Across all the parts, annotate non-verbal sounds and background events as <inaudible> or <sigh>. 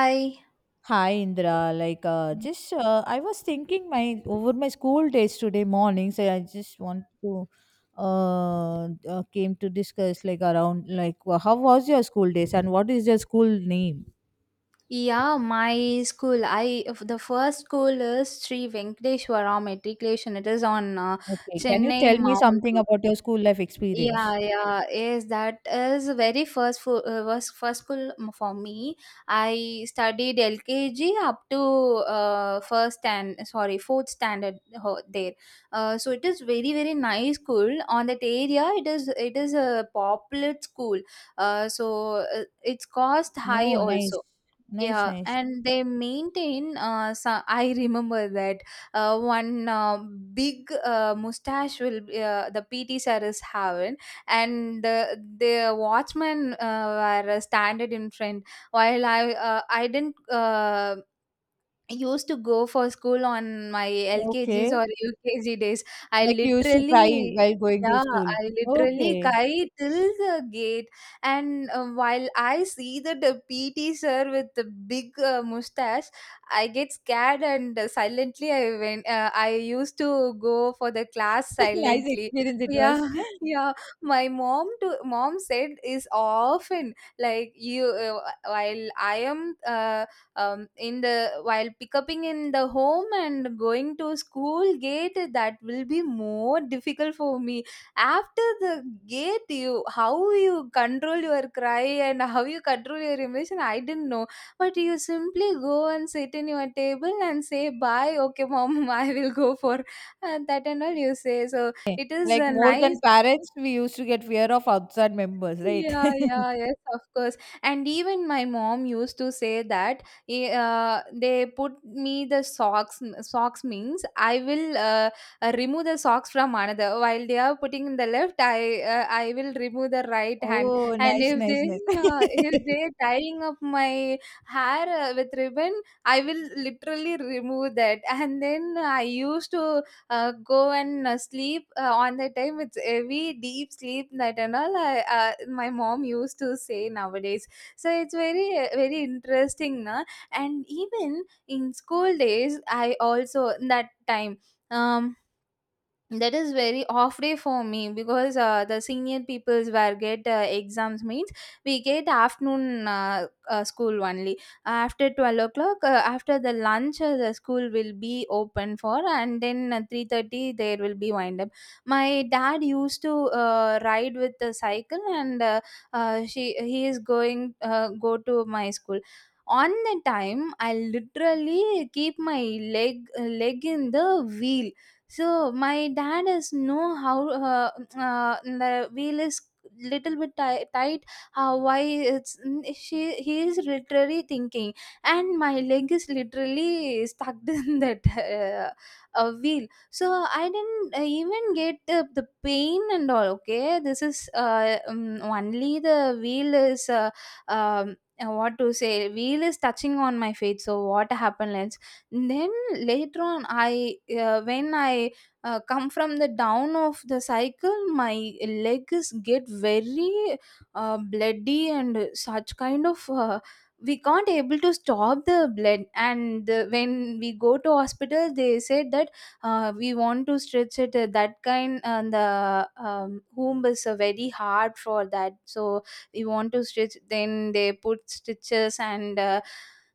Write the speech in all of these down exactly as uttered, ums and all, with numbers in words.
I Hi Indra, like uh, just uh, I was thinking my over my school days today morning, so I just want to uh, uh came to discuss, like, around, like, wha- how was your school days and what is your school name? yeah, my school. I f- the first school is Sri Venkateshwara Matriculation. It is on uh, Okay, can you Chennai tell me Mount something Road. about your school life experience? Yeah, yeah, is that is very first for uh, was first school m- for me. I studied L K G up to uh, first and sorry fourth standard ho- there. Uh, so it is very very nice school on that area. It is it is a popular school. Uh, so uh, its cost high No, nice, also. nice, Yeah, nice. and they maintain. Uh, so I remember that uh, one uh, big uh, mustache will be, uh, the P T sir is having, and the the watchmen uh, were standing in front. While I uh, I didn't uh, I used to go for school on my L K Gs Okay, or U K G days. I like you used to cry literally while going to yeah, school. I literally Okay, cry till the gate. And uh, while I see that the P T sir with the big uh, mustache, I get scared, and uh, silently I went. Uh, I used to go for the class <laughs> nice silently. experience it Yeah, was. <laughs> yeah. My mom to mom said is often like, you uh, while I am uh, um, in the while picking in the home and going to school gate, that will be more difficult for me after the gate. You, how you control your cry and how you control your emotion, I didn't know, but you simply go and sit in your table and say, "Bye, okay, mom, <laughs> I will go for," and that and all you say. So it is Like a more than nice. parents, we used to get fear of outside members, right? Yeah, yeah, <laughs> yes, of course. And even my mom used to say that eh, uh, they put me the socks. Socks means I will uh, uh, remove the socks from another. While they are putting in the left, I uh, I will remove the right hand. Oh, And nice, if they nice, nice. <laughs> uh, if they tying up my hair uh, with ribbon, I will literally remove that. And then I used to uh, go and uh, sleep uh, on that time. It's heavy deep sleep, that and all, I, uh, my mom used to say nowadays. So it's very uh, very interesting, na? And even in school days I also that time, um that is very off day for me because uh, the senior peoples were get uh, exams means we get afternoon uh, uh, school only after twelve o'clock. Uh, after the lunch uh, the school will be open for, and then uh, three thirty there will be wind up. My dad used to uh, ride with the cycle, and uh, uh, she he is going uh, go to my school. On the time I literally keep my leg leg in the wheel. So my dad is know how uh, uh, the wheel is little bit ti- tight, how why it's, she he is literally thinking. And my leg is literally stuck <laughs> in that uh, uh, wheel. So I didn't uh, even get the, the pain and all. Okay, this is uh, um, only the wheel is uh, um, uh, what to say, wheel is touching on my face, so what happened, let's. Then later on, I uh, when I uh, come from the down of the cycle, my legs get very uh, bloody and such kind of. Uh, we can't able to stop the blood, and uh, when we go to hospital they said that uh, we want to stretch it uh, that kind, and the um, womb is uh, very hard for that, so we want to stretch, then they put stitches, and uh,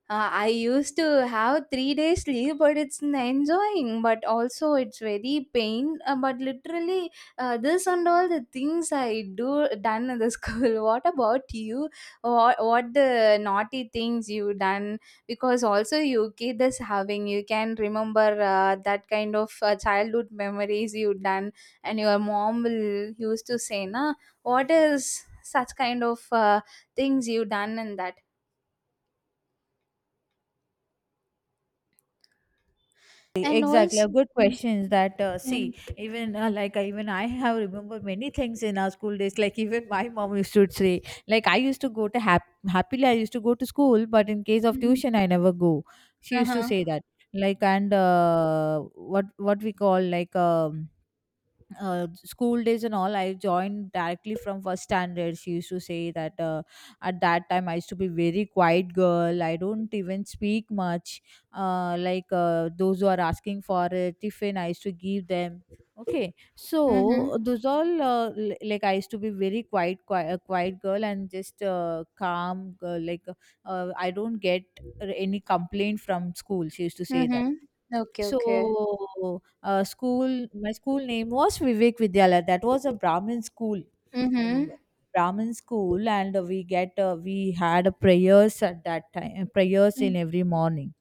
uh, I used to have three days leave, but it's n- enjoying. But also, it's very pain. Uh, but literally, uh, this and all the things I do done in the <laughs> school. What about you? What what the naughty things you done? Because also you kid is having. You can remember uh, that kind of uh, childhood memories you done, and your mom will used to say, "Na, what is such kind of uh, things you done in that?" And Exactly, a also. good questions that uh, Mm, see, even uh, like I, even I have remember many things in our school days. Like even my mom used to say, like I used to go to hap- happily I used to go to school, but in case of mhm. tuition I never go. She used to Uh-huh. say that, like, and uh, what what we call, like, um uh, school days and all, I joined directly from first standard. She used to say that uh, at that time I used to be very quiet girl, I don't even speak much. uh, like uh, those who are asking for a tiffin, I used to give them. Okay, so Mhm. uh, those all, uh, l- like, I used to be very quiet quiet, a quiet girl and just uh, calm girl, like uh, I don't get any complaint from school, she used to say that. Mhm. Okay, okay. So, uh, school, my school name was Vivek Vidyalaya. That was a Brahmin school. I remember Mhm. Brahmin school, and we get uh, we had a prayers at that time. Prayers Mm. in every morning.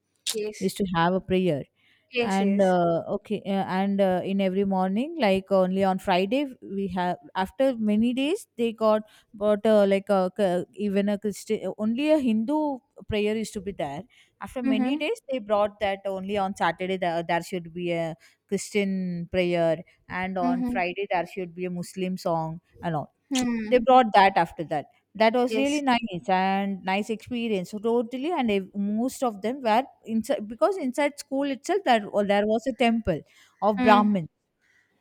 We Yes. used to have a prayer, Yes, and yes. uh, okay, uh, and uh, in every morning, like, only on Friday we have, after many days they got, but uh, like a, c- even a Christian, only a Hindu prayer is to be there. After many Mhm. days, they brought that only on Saturday there, there should be a Christian prayer, and on Mhm. Friday there should be a Muslim song and all. Hmm. They brought that after that. That was really Yes. nice and nice experience, so totally, and ev- most of them were inside, because inside school itself there, well, there was a temple of Mm. Brahmin.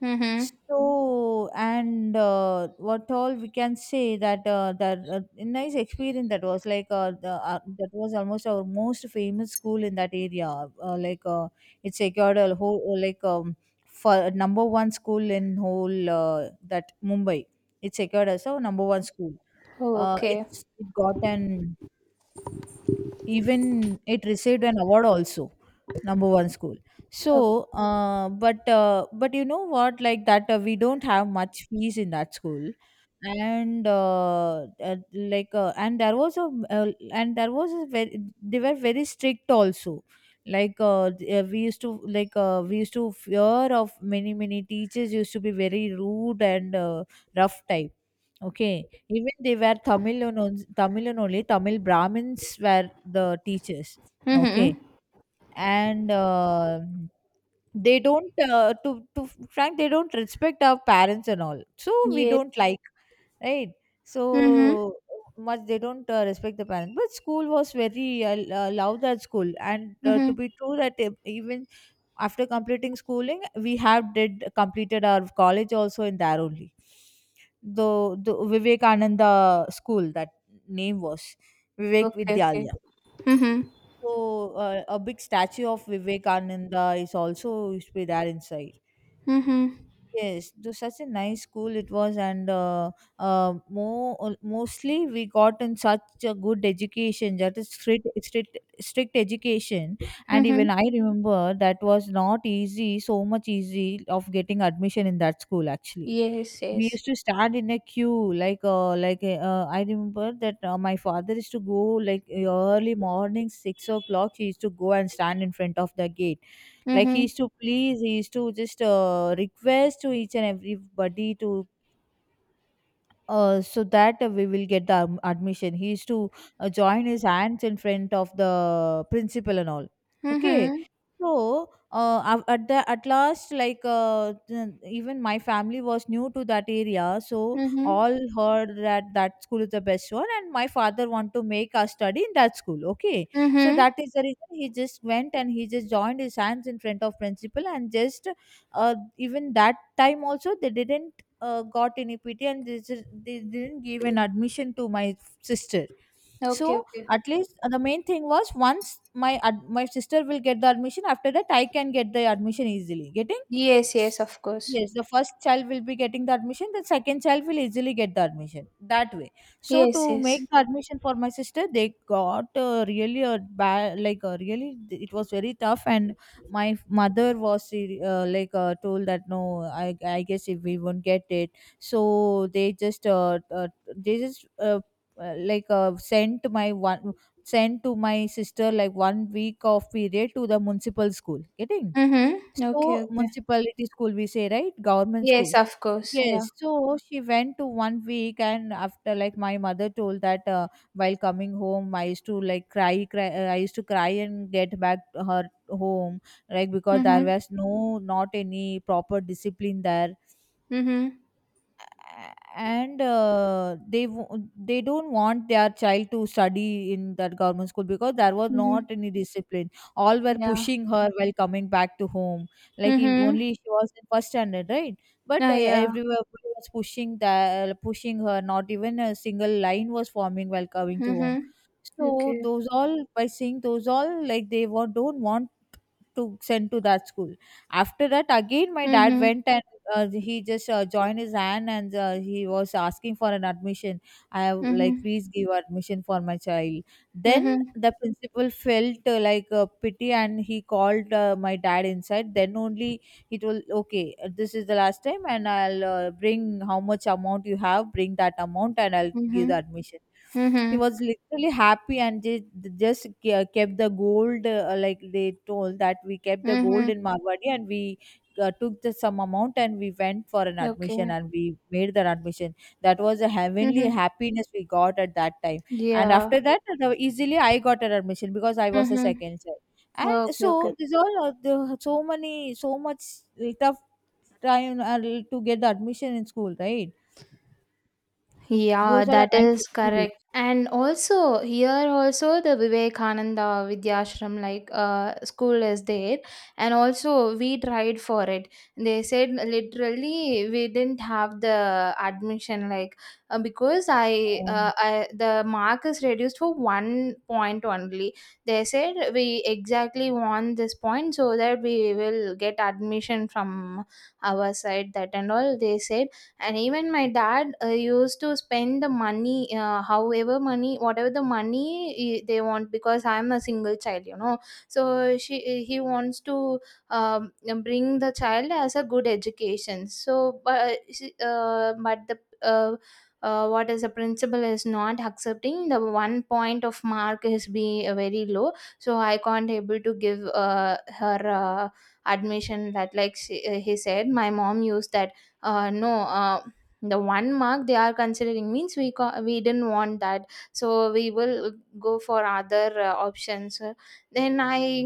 Mhm. So, and uh, what all we can say that uh, that uh, a nice experience that was, like, uh, the, uh, that was almost our most famous school in that area, uh, like uh, it secured a whole, uh, like um, for number one school in whole, uh, that Mumbai. It secured as a number one school. uh, Okay. It's it got an, even it received an award also, number one school. So Uh, uh, but uh, but you know what, like, that uh, we don't have much fees in that school. And uh, uh, like, uh, and there was a, uh, and there was a very, they were very strict also. Like uh, th- uh, we used to, like uh, we used to fear of, many, many teachers used to be very rude and uh, rough type. Okay, even they were Tamil Tamilan only, Tamil Brahmins were the teachers. Okay. mhm. And uh, they don't, uh, to, to Frank, they don't respect our parents and all. So we Yes. don't like, right? Mhm. So much they don't uh, respect the parents. But school was very, I uh, love that school. And uh, to Mhm. be true that e- even after completing schooling, we have did completed our college also in there only, the the Vivekananda school, that name was Vivek Okay, okay. Vidyalaya. Mhm. So uh, a big statue of Vivekananda is also used to be there inside. Mhm. Yes, it was such a nice school it was, and uh, uh, more uh, mostly we got in such a good education that is strict, strict strict education, and even Mhm. I remember that was not easy, so much easy of getting admission in that school actually. Yes, We yes. used to stand in a queue, like uh, like uh, I remember that uh, my father used to go, like, e, early morning six o'clock he used to go and stand in front of the gate, like he Mhm. used to please he used to just uh, request to each and everybody to, uh, so that uh, we will get the um, admission. He used to uh, join his hands in front of the principal and all. Okay. Mhm. So uh, av- at the at last, like uh, th- even my family was new to that area, so Mhm. all heard that that school is the best one, and my father want to make us study in that school. Okay, so Mhm. that is the reason he just went and he just joined his hands in front of principal, and just uh, even that time also they didn't uh, got in E P T, and they, ju- they didn't give an admission to my sister. Okay, So okay. at least uh, the main thing was, once my ad- my sister will get the admission, after that, I can get the admission easily. Getting Yes, yes, S- of course. yes, the first child will be getting the admission, the second child will easily get the admission that way. So Yes, to make yes. the admission for my sister, they got uh, really a bad, like, a really, it was very tough, and my f- mother was uh, like uh, told that no, I, I guess if we won't get it. So they just uh, uh, they just uh, uh, like uh, sent my one sent to my sister, like, one week of period to the municipal school. Getting Mhm. So Okay, okay. municipality school, we say, right? Government Yes, school. of course. Yeah. Yes, so she went to one week, and after, like, my mother told that uh, while coming home, I used to, like, cry, cry. Uh, I used to cry and get back to her home, like, because there Mhm. was no, not any proper discipline there. Mhm. a- and uh, they, wo- they don't want their child to study in that government school because there was not Mhm. any discipline, all were Yeah. pushing her while coming back to home, like, if Mhm. only she was in first standard, right? But uh, Oh, yeah. everywhere was pushing that pushing her, not even a single line was forming while coming to home. Mhm. So Okay. those all, by seeing those all, like, they wa- don't want to send to that school. After that, again my dad Mhm. went, and uh, he just uh, joined his hand and uh, he was asking for an admission. I have, like, Mhm. please give admission for my child. Then Mhm. the principal felt uh, like uh, pity, and he called uh, my dad inside. Then only he told, okay, this is the last time, and I'll uh, bring how much amount you have, bring that amount and I'll give the Mhm. admission. He Mhm. was literally happy, and they just ke- kept the gold, uh, like, they told that we kept the gold Mhm. in marwadi, and we uh, took the some amount and we went for an admission Okay. and we made that admission. That was a heavenly Mhm. happiness we got at that time. And Yeah. after that uh, easily I got an admission because I was the Mhm. second child. And Okay, so okay. there's all, uh, the, so many, so much tough time, uh, to get the admission in school, right? Yeah, Those are a that nice is correct. experience. And also here also the Vivekananda Vidyashram, like uh, school is there, and also we tried for it. They said literally we didn't have the admission, like uh, because I, uh, Oh. I the mark is reduced for one point only. They said we exactly want this point so that we will get admission from our side, that and all they said. And even my dad uh, used to spend the money uh, however money, whatever the money eh, they want, because I am a single child, you know so she eh, he wants to um, bring the child as a good education. So but uh, she- uh, but the uh, uh, what is, the principal is not accepting, the one point of mark is be uh, very low, so I can't able to give uh, her uh, admission that, like she, uh, he said. My mom used that, uh, no uh, the one mark they are considering means, we co- we didn't want that, so we will go for other uh, options. Then I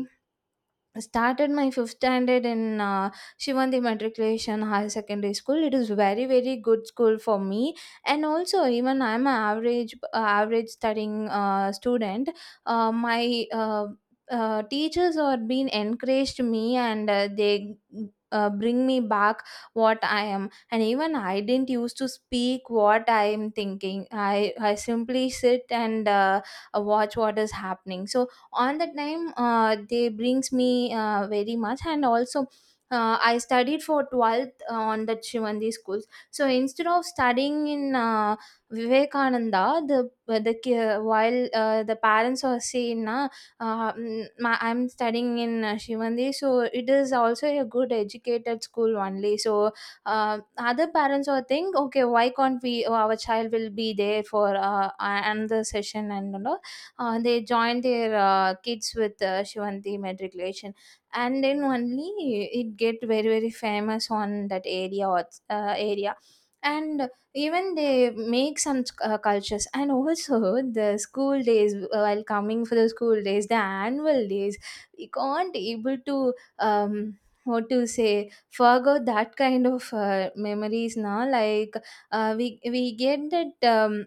started my fifth standard in uh, Shivandi Matriculation High Secondary School. It is very very good school for me, and also even I'm an average uh, average studying uh, student. Uh, my uh, uh, teachers are being encouraged me, and uh, they. Uh, bring me back what I am, and even I didn't used to speak what I am thinking. I i simply sit and uh, watch what is happening. So on that time uh, they brings me uh, very much, and also uh, I studied for twelfth on that Shivandi schools. So instead of studying in uh, Vivekananda, the uh, the ki- while uh, the parents are saying na, uh, mm, ma- I'm studying in uh, Shivandi, so it is also a good educated school only. So uh, other parents will think, okay, why can't we, our child will be there for uh, another session and all. Uh, they join their uh, kids with uh, Shivanti matriculation, and then only it get very very famous on that area or uh, area. And even they make some uh, cultures, and also the school days, while coming for the school days, the annual days, we can't able to, um, what to say, forgo that kind of uh, memories now. Like uh, we we get that, um,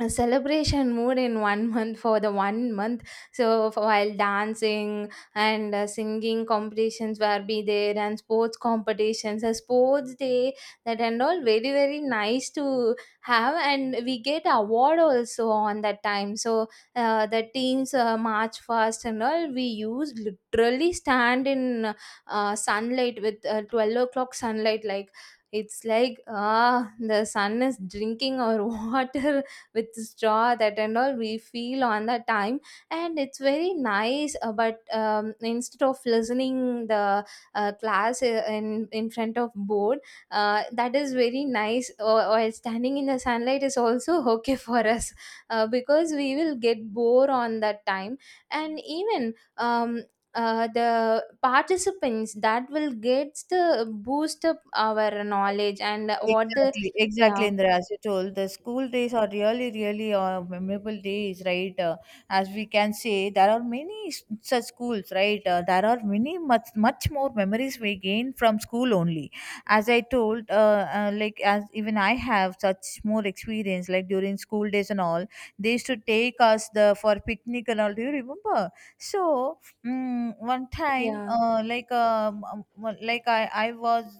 a celebration mood in one month, for the one month. So for- while dancing and uh, singing competitions were be there, and sports competitions, a sports day, that and all very very nice to have, and we get award also on that time. So uh, the teams uh, march fast and all, we use literally stand in uh, sunlight with uh, twelve o'clock sunlight, like, it's like, ah, the sun is drinking our <laughs> water with this jaw, that and all we feel on that time. And it's very nice, uh, but um, instead of listening the uh, class uh, in in front of board. Uh, that is very nice, or, or standing in the sunlight is also <laughs> okay for us, uh, because we will get bored on that time. And even um, uh, the participants that will get the boost up our knowledge and what the. Exactly, exactly, Yeah, Indra. As you told, the school days are really, really uh, memorable days, right? Uh, as we can say, there are many s- such schools, right? Uh, there are many much, much more memories we gain from school only. As I told, uh, uh, like, as even I have such more experience, like, during school days and all, they used to take us the for picnic and all. Do you remember? So, mm, one time, yeah, uh, like, um, um, like, I, I was,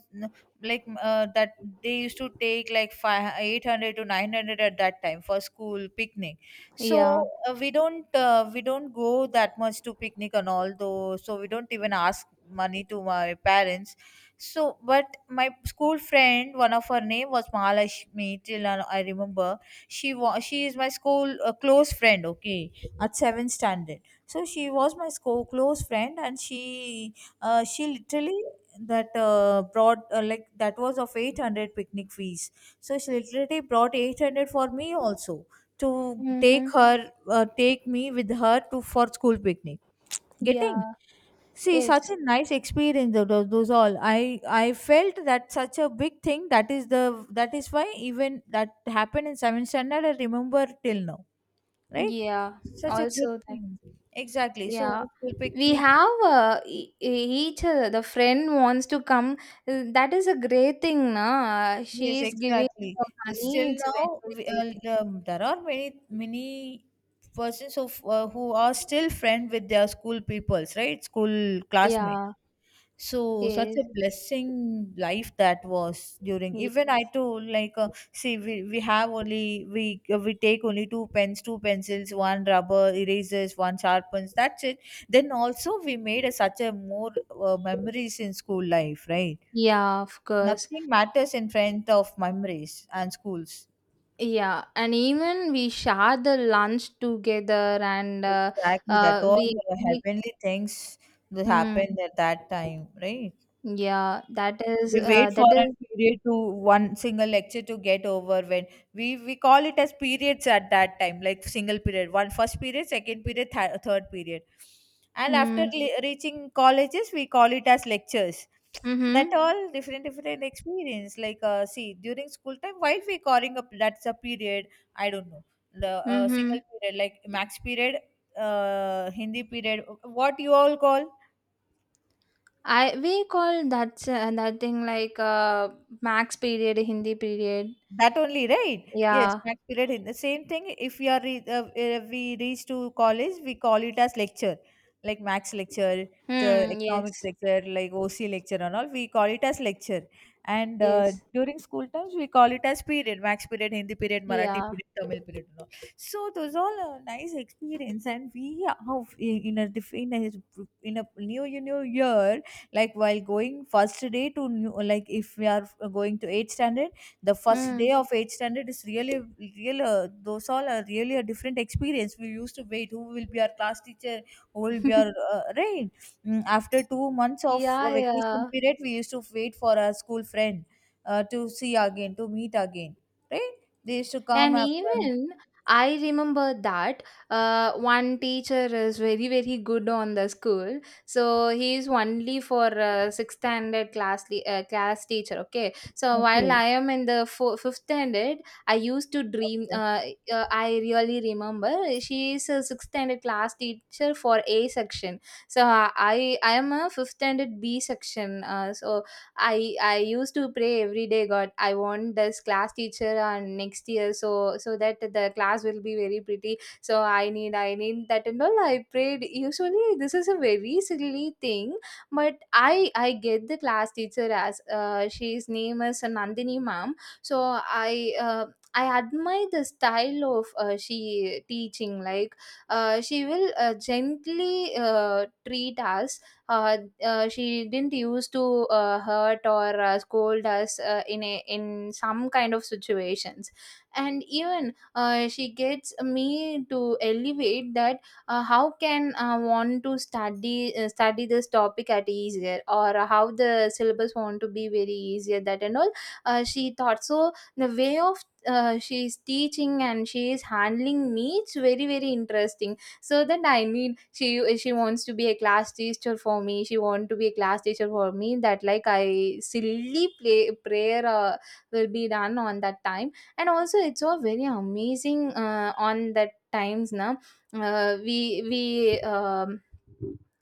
like, uh, that they used to take, like, five, eight hundred to nine hundred at that time for school picnic. yeah, So uh, we don't uh, we don't go that much to picnic and all though, so we don't even ask money to my parents. So but my school friend, one of her name was mahalashmi, till now I remember, she was she is my school uh, close friend, okay, at seventh standard. So she was my school close friend, and she uh, she literally that uh, brought, uh, like, that was of eight hundred picnic fees, so she literally brought eight hundred for me also to take mm-hmm. her uh, take me with her to for school picnic. Getting Yeah, See, such yes. a nice experience, tho- tho- those all, i i felt that such a big thing, that is the, that is why even that happened in seventh standard, I remember till now, right? Yeah, Such a good also that. thing. Exactly, so Yeah, school we picnic. have uh, e- e- each other. The friend wants to come. Uh, That is a great thing, na? She Yes, is giving exactly. her money. Still It's a very, now, very we, great thing. uh, um, there are many many persons of, uh, who are still friend with their school peoples, right? School classmates. Yeah, So such yes. a blessing life that was during. ye- Even I too, like uh, see, we, we have only we uh, we take only two pens, two pencils, one rubber erasers, one sharpens. That's it. Then also we made a, such a more uh, memories in school life, right? Yeah, of course. Nothing matters in front of memories and schools. Yeah, and even we share the lunch together and uh, Exactly that uh, all we uh, make. heavenly things that Mm, happened at that time, right? yeah, that is, We uh, wait for that a is, period to one single lecture to get over when we we call it as periods at that time, like single period, one first period, second period, th- third period, and after mm, le- reaching colleges we call it as lectures. That mm-hmm, all different different experience, like uh, see, during school time while we calling up, that's a period. I don't know the uh, mm-hmm. single period like max period, uh, Hindi period, what you all call. I we call that uh, that thing, like uh max period, Hindi period. That only, right? Yes, Yeah. max period. In the same thing, if we are re- uh, uh, we reach to college, we call it as lecture, like max lecture, the Hmm. economics Yes. lecture, like O C lecture, and all. We call it as lecture. And uh, Yes. During school times, we call it as period, max period, Hindi period, Marathi Yeah. period, Tamil period, and all. So those all a nice experience, and we have in a diff- in a in a new new year, like while going first day to new, like if we are going to eighth standard, the first Hmm. day of eighth standard is really real uh, those all are really a different experience. We used to wait who will be our class teacher, who will be our <laughs> uh, right. Mm, after two months of a yeah. vacation Yeah. period we used to wait for our school friend uh, to see again, to meet again, right, they used to come And after. even I remember that uh, one teacher is very, very good on the school. So he is only for uh, sixth standard class le- uh, class teacher. Okay. So while Okay, I am in the fo- fifth standard, I used to dream. okay. Uh, uh, I really remember, she is a sixth standard class teacher for A section. So I I am a fifth standard B section. Uh, so i i used to pray every day, God, I want this class teacher on next year, so so that the class will be very pretty. So i need i need that and all I prayed. Usually this is a very silly thing, but i i get the class teacher as uh, she's name is Nandini ma'am. So i uh, I admire the style of uh, she teaching. Like uh, she will uh, gently uh, treat us. Uh, uh, she didn't used to uh, hurt or uh, scold us uh, in a, in some kind of situations, and even uh, she gets me to elevate that uh, how can I want to study, uh, study this topic at easier, or how the syllabus want to be very easier, that and all. Uh, she thought so. The way of uh, she is teaching and she is handling me, it's very, very interesting. So then I need she she wants to be a class teacher for me, she want to be a class teacher for me. That like I silly play prayer uh, will be done on that time. And also it's all very amazing uh, on that times. Now uh, we we um,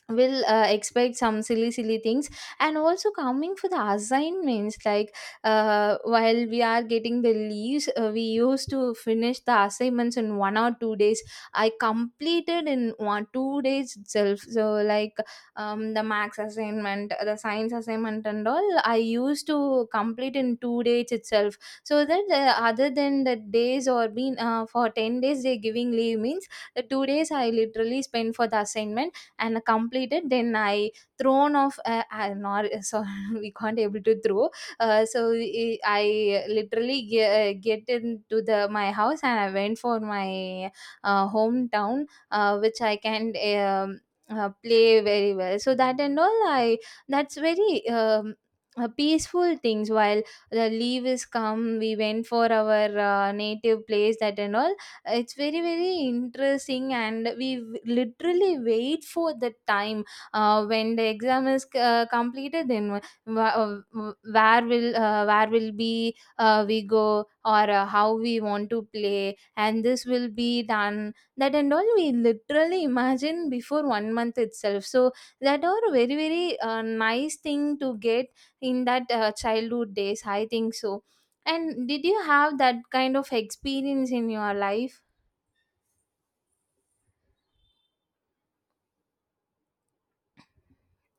will uh, expect some silly silly things. And also coming for the assignments, like uh, while we are getting the leaves, uh, we used to finish the assignments in one or two days. I completed in one two days itself. So like um, the max assignment, the science assignment, and all I used to complete in two days itself. So that uh, other than the days, or being uh, for ten days they giving leave means the two days I literally spent for the assignment and completed. Then I thrown off. Uh, uh, not so, <laughs> we can't able to throw. Uh, so I I literally get, get into the my house, and I went for my uh, hometown, uh, which I can um, uh, play very well, so that and all I, that's very um, uh, peaceful things. While the leave is come, we went for our uh, native place, that and all. It's very, very interesting, and we w- literally wait for the time uh, when the exam is uh, completed, then wh- wh- where will uh, where will be uh, we go, or uh, how we want to play, and this will be done, that and all, we literally imagine before one month itself. So that are very, very uh, nice thing to get in that uh, childhood days, I think so. And did you have that kind of experience in your life?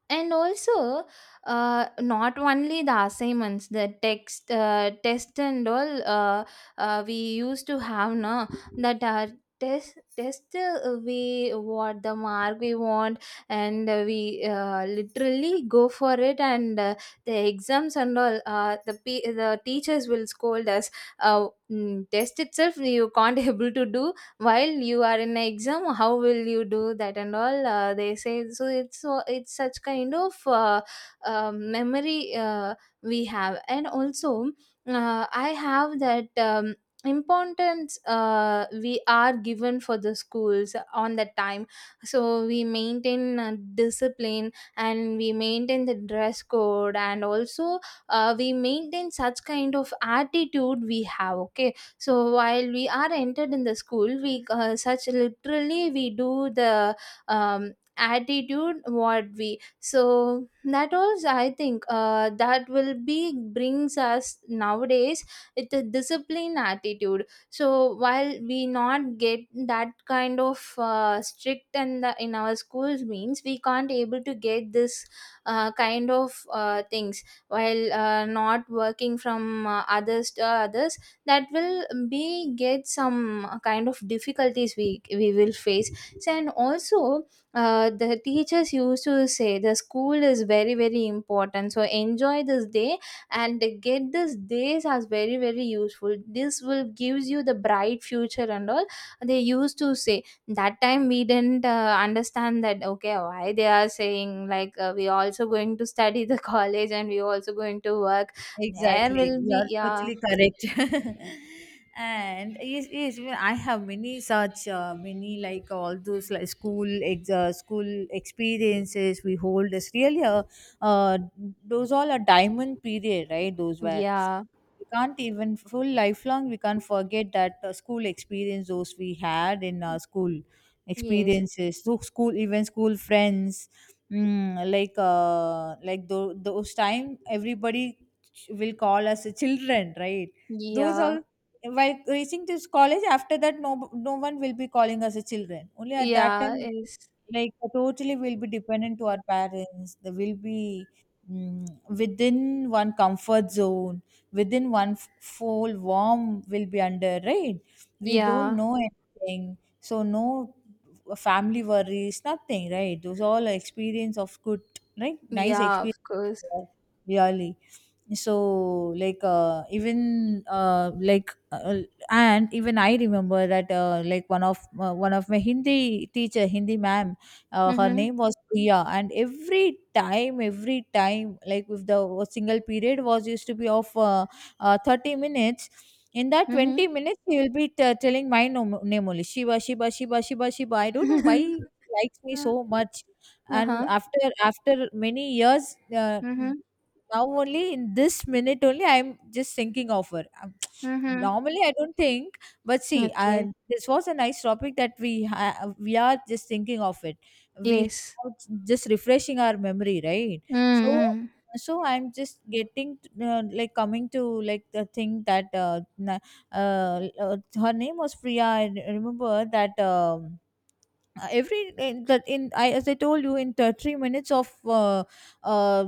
And also, uh, not only the assignments, the text, uh, test and all, uh, uh, we used to have. Now that our test test uh, we what the mark we want, and uh, we uh, literally go for it. And uh, the exams and all, uh, the pe the teachers will scold us, uh, mm, test itself you can't <laughs> able to do, while you are in an exam how will you do that and all, uh, they say so. It's so, it's such kind of uh, uh, memory uh, we have. And also uh, I have that um, importance uh, we are given for the schools on that time. So we maintain uh, discipline, and we maintain the dress code, and also uh, we maintain such kind of attitude we have, okay? So while we are entered in the school, we uh, such literally we do the um, attitude what we, so that was I think uh, that will be brings us nowadays, it's a discipline attitude. So while we not get that kind of uh, strict and the, in our schools means, we can't able to get this uh, kind of uh, things. While uh, not working from uh, others to others, that will be get some uh, kind of difficulties we we will face. So, and also uh, the teachers used to say the school is very, very important, so enjoy this day and get this days as very, very useful, this will gives you the bright future and all, they used to say. That time we didn't uh, understand that, okay, why they are saying like, uh, we also going to study the <laughs> college, and we also going to work, there Exactly, will you be. are Yeah, totally correct. <laughs> And yes, yes, well, I have many such uh, many, like all those like school ex- uh, school experiences we hold is really a uh, those all a diamond period, right? Those were, yeah. we can't even full lifelong we can't forget that uh, school experience those we had in our school Yes. experiences, so school, even school friends. Mm, like uh, like tho- those time, everybody ch- will call us children, right? Those all Yeah. while reaching this college, after that, no no one will be calling us a children only at that Yeah. time. Yes. Like totally we'll be dependent to our parents, they will be, mm, within one comfort zone, within one f- full warm will be under, right? We don't Yeah. know anything, so no family worries, nothing, right? Those all are experience of good, right, nice Yeah. Of experience, course. really. So like uh, even uh, like uh, and even I remember that uh, like one of uh, one of my Hindi teacher, Hindi ma'am, uh, her Mhm. name was Priya. And every time every time, like if the single period was used to be of uh, uh, thirty minutes, in that twenty Mhm. minutes she will be t- telling my nom- name only, Shiva, Shiva, Shiva, Shiva, Shiva. I don't know why she <laughs> likes me Uh, so much. And uh-huh. after after many years, uh, Mhm. now only in this minute only I'm just thinking of her. Um, Mhm. Normally I don't think, but see, uh, Okay. this was a nice topic that we ha- we are just thinking of it. We Yes. are just refreshing our memory, right? So Mm. so I'm just getting, uh, like coming to like the thing that uh, na- uh, uh, her name was Priya. I remember that, um, uh, every in the in, I as I told you, in thirty minutes of uh, uh,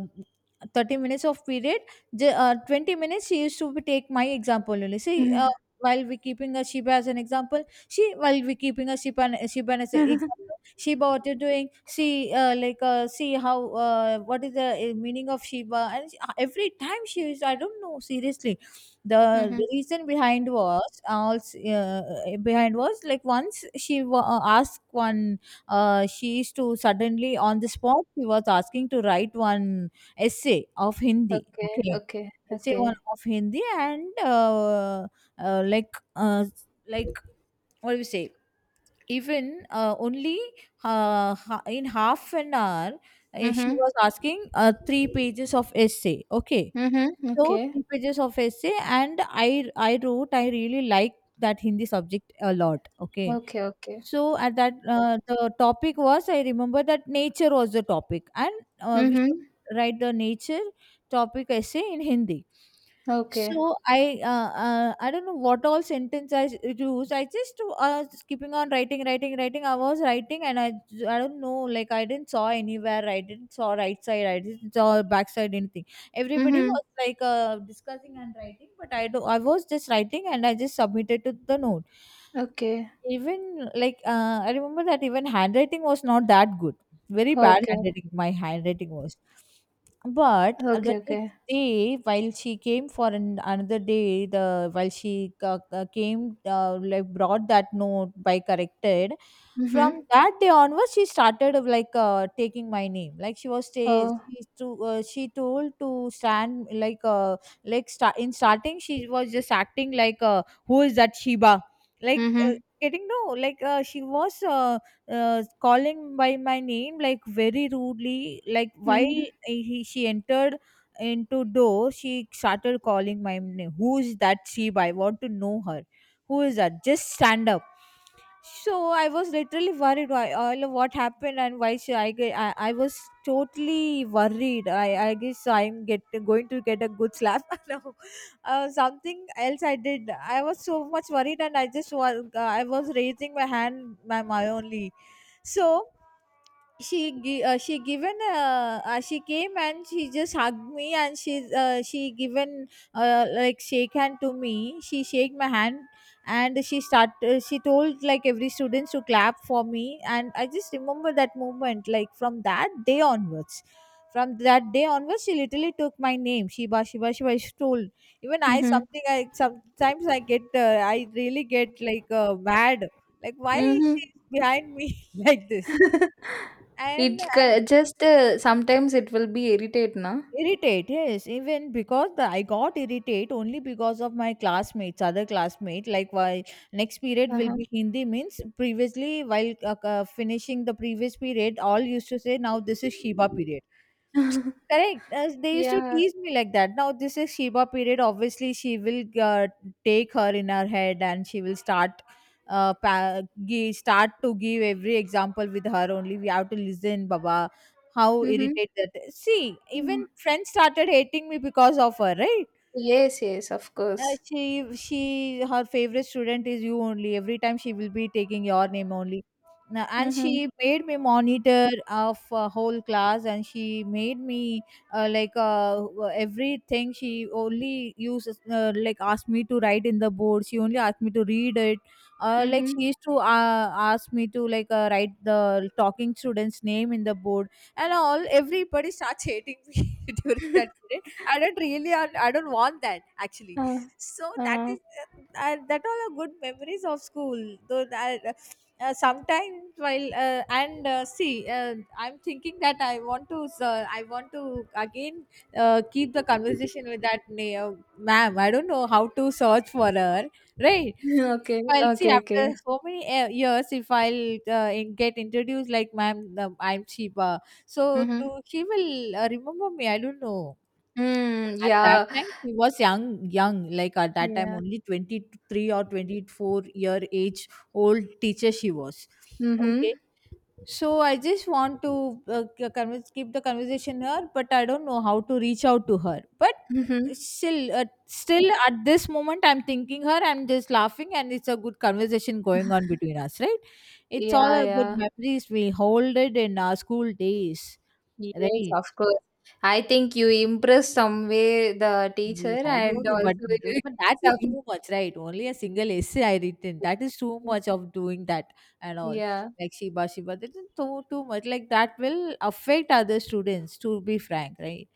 thirty minutes of period, j- uh, twenty minutes she used to be take my example only. Mm. See, uh, Mhm. while we keeping a Shiba as an example, she, while we keeping a Shiba Shiba as an example, <laughs> Shiba, what you're doing, see, uh, like uh, see how uh, what is the uh, meaning of Shiba. And she- uh, every time she used, I don't know, seriously. The Mhm. reason behind was also uh, behind was, like once she wa- uh, asked one, uh, she used to suddenly on the spot, she was asking to write one essay of Hindi, Okay. okay, Okay. essay one Okay. of Hindi. And uh, uh, Like uh, like, what do you say, even uh, only uh, ha- in half an hour, uh, she Mhm. was asking uh, three pages of essay, okay? Mhm. So, Okay. three pages of essay, and I I wrote. I really like that Hindi subject a lot, okay? Okay. Okay. So at that uh, the topic was, I remember that nature was the topic, and uh, we Mhm. should write the nature topic essay in Hindi. Okay. So I, uh, uh, I don't know what all sentence I s- used. I just uh, was keeping on writing, writing, writing. I was writing, and I I don't know, like I didn't saw anywhere. I didn't saw right side. I didn't saw back side, anything. Everybody Mhm. was like uh, discussing and writing, but I do I was just writing, and I just submitted to the note. Okay. Even like uh, I remember that even handwriting was not that good. Very bad Okay. handwriting my handwriting was. But the Okay. next Okay. day, while she came for an, another day, the while she uh, uh, came, uh, like brought that note by corrected. From Mhm. that day onwards, she started of, like uh, taking my name. Like she was stay, Oh. she to, uh, she told to stand, like uh, like start in starting, she was just acting like, uh, who is that Sheba, like uh, Mhm. getting no, like uh, she was uh, uh, calling by my name like very rudely. Like while Mhm. he, she entered into door, she started calling my name, who is that she, I want to know her, who is that, just stand up. So I was literally worried, why all of what happened, and why she, I, ge- I I was totally worried. I I guess I'm get going to get a good slap <laughs> now. Uh, something else I did. I was so much worried, and I just was I was raising my hand, my, my only. So she gi- uh, she given, uh, uh, she came, and she just hugged me, and she, uh, she given uh, like shake hand to me, she shake my hand, and she start uh, she told like every students to clap for me. And I just remember that moment, like from that day onwards, from that day onwards she literally took my name, Shiba, Shiba, Shiba, she told. Even I Mhm. something, I sometimes I get, uh, I really get like uh, mad, like why is Mhm. she behind me <laughs> like this. <laughs> and It and c just, uh, sometimes it will be irritate, na? irritate, yes, even because the, I got irritate only because of my classmates, other classmate. Like, why next period will Uh-huh. be Hindi means, previously while uh, uh, finishing the previous period, all used to say, now this is Shiva period. <laughs> Correct, as they used to Yeah. tease me like that. Now this is Shiva period. Obviously she will, uh, take her in her head, and she will start, uh, pa- give, start to give every example with her only. We have to listen, Baba. How Mhm. irritated that. See, Mhm. even friends started hating me because of her, right? Yes, yes, of Uh, course. she she her favorite student is you only, every time she will be taking your name only. Now, and Mhm. she made me monitor of uh, whole class, and she made me uh, like uh, everything she only uses, uh, like asked me to write in the board, she only asked me to read it, uh, like Mhm. she used to uh, ask me to like uh, write the talking student's name in the board and all. Everybody starts hating me <laughs> Ah. during Ah. that <laughs> period. I don't really i, I don't want that actually. So that is uh, that all are good memories of school, though that, uh, sometimes while uh, and uh, see, uh, I'm thinking that I want to, uh, I want to again uh, keep the conversation with that na- uh, ma'am. I don't know how to search for her, right? <laughs> Okay. If I'll see Okay, after okay. so many uh, years, if I'll uh, in- get introduced like, ma'am the, I'm Sheba, so do Mhm. she will uh, remember me, I don't know. Mm, At that yeah. time, she was young, young. Like at that time, Yeah. only twenty-three or twenty-four year age old teacher she was. Okay, Mhm. so I just want to uh, c- converse, keep the conversation here, but I don't know how to reach out to her. But Mhm. still, uh, still at this moment, I'm thinking her. I'm just laughing, and it's a good conversation going on between <laughs> us, right? It's all Yeah, a good yeah. memories we hold it in our school days, Yes, right? of course. I think you impress some way the teacher, Yes, I and don't know, but also <laughs> you get but that is some. too much, right? Only a single essay I written. That is too much of doing that and all. Yeah. Like Shiba, Shiba, that is too too much. Like that will affect other students, to be frank, right?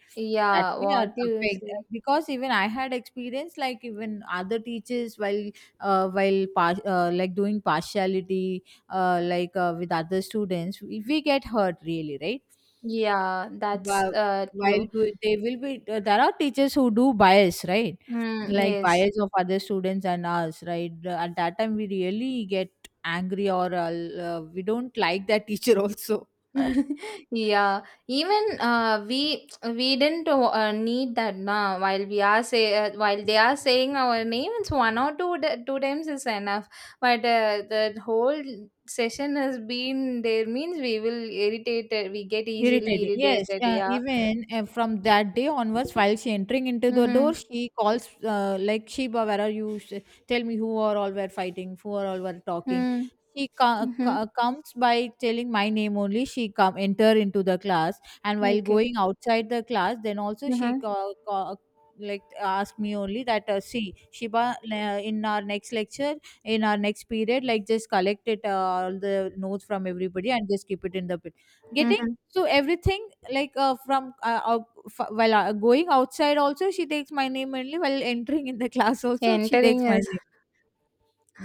That Yeah, may a- what you affect uh, say. because even I had experience like even other teachers while uh, while par- uh, like doing partiality uh, like uh, with other students, we, we get hurt really, right? Yeah, that's While uh while true. we- they will be, uh, there are teachers who do bias, right? Mm, Like yes. bias of other students and us, right? Uh, At that time, we really get angry or uh, l- uh, we don't like that teacher also. <laughs> <laughs> Yeah, even uh we we didn't uh, need that now. While we are say uh, while they are saying our names, one or two t- two times is enough. But uh, the whole session has been there means, we will irritated. We get easily Irritating. Yes. irritated. Uh, Yeah. even uh, From that day onwards, while she entering into the Mm-hmm. door, she calls uh, like Sheba, where are you? Sh- Tell me who are all were fighting, who are all were talking. Mm-hmm. She co- Mm-hmm. co- comes by telling my name only. She come enter into the class, and while Okay. going outside the class, then also she Mm-hmm. co- co- like ask me only that uh, see Sheba, uh, in our next lecture in our next period, like just collect it, uh, all the notes from everybody and just keep it in the pit getting, Mm-hmm. so everything like uh, from uh, out, f- while uh, going outside also she takes my name only, while entering in the <laughs> class also she Entering. takes my name.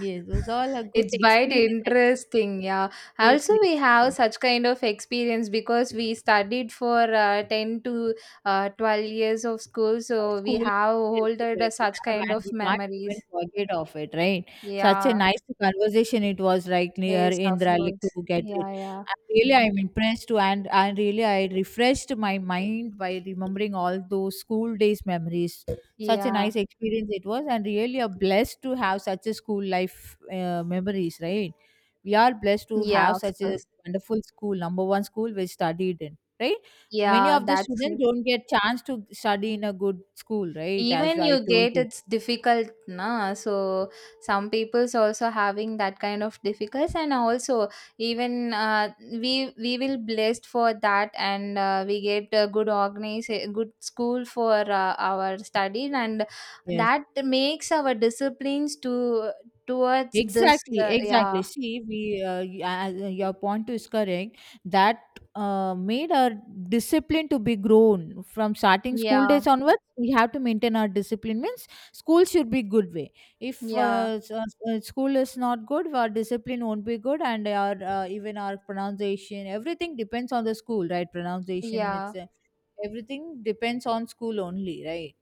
Yes, those all are good It's quite experience actually. interesting, yeah. Yes, Also, yes. we have Yes. such kind of experience because we studied for uh, ten to uh, twelve years of school, uh, so we school have Yes, school holded uh, that we such have, kind and of we can't even memories. forget of it, right? Such Yeah, a nice conversation it was, right, near yes, of Indra, like course. to get Yeah, it. yeah, And really, I'm impressed too, and and really, I refreshed my mind by remembering all those school days memories. Such a yeah, nice experience it was, and really, a blessed to have such a school life uh, memories, right? We are blessed to yeah, have of such a course. wonderful school, number one school we studied in, right? Many Yeah, of the that's students don't get chance to study in a good school, right? As even you I told get you. it's difficult, na? So some people's also having that kind of difficulties. And also even uh, we we will blessed for that, and uh, we get a good organize, good school for uh, our study, and Yes, that makes our disciplines to towards this, exactly, uh, exactly. yeah. See, we uh, y- as, uh, your point is correct. That uh, made our discipline to be grown from starting school Yeah. days onwards. We have to maintain our discipline. Means school should be good way. If Yeah. uh, s- uh, s- uh, school is not good, our discipline won't be good, and our uh, even our pronunciation, everything depends on the school, right? Pronunciation, Yeah. it's everything depends on school only, right?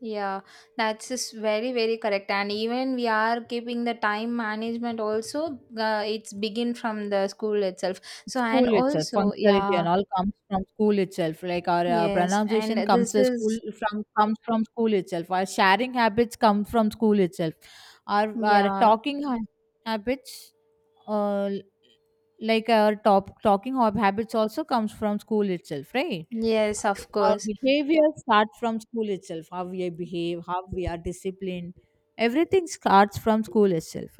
Yeah, that's just very, very correct. And even we are keeping the time management also, uh, it's begin from the school itself. So, and School itself, also, yeah, functionality and all comes from school itself. Like our uh, yes, and pronunciation this comes to school is, from comes from school itself. Our sharing habits come from school itself. Our our yeah, talking ha- habits, uh, like our top talking hob- habits, also comes from school itself, right? yes, of Our course. behavior starts from school itself. How we behave, how we are disciplined, everything starts from school itself,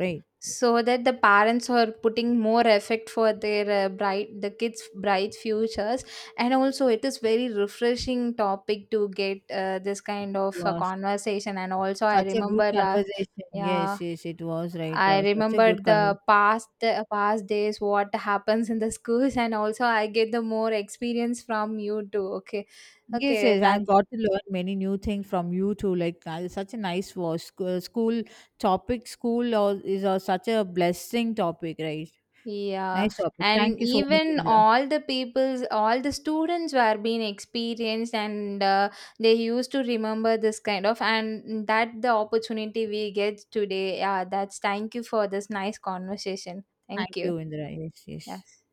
So that the parents are putting more effort for their uh, bright, the kids' bright futures. And also, it is very refreshing topic to get uh, this kind of uh, right? conversation. And also, I Such a good remember, uh, conversation. yeah, Yes, yes, it was right. I Uh, such a good remembered the conversation. past past days, what happens in the schools, and also I get the more experience from you too. Okay, Yes, okay, yes, I that's got to learn many new things from you too. Like uh, such a nice was sc- uh, school topic. School or, is uh, such a blessing topic, right? yeah. Nice topic. And Thank you so much, even Indra. all the people's, all the students were being experienced, and uh, they used to remember this kind of, and that the opportunity we get today. Yeah, that's thank you for this nice conversation. Thank Thank you. you, Indra. Yes, yes. Yes.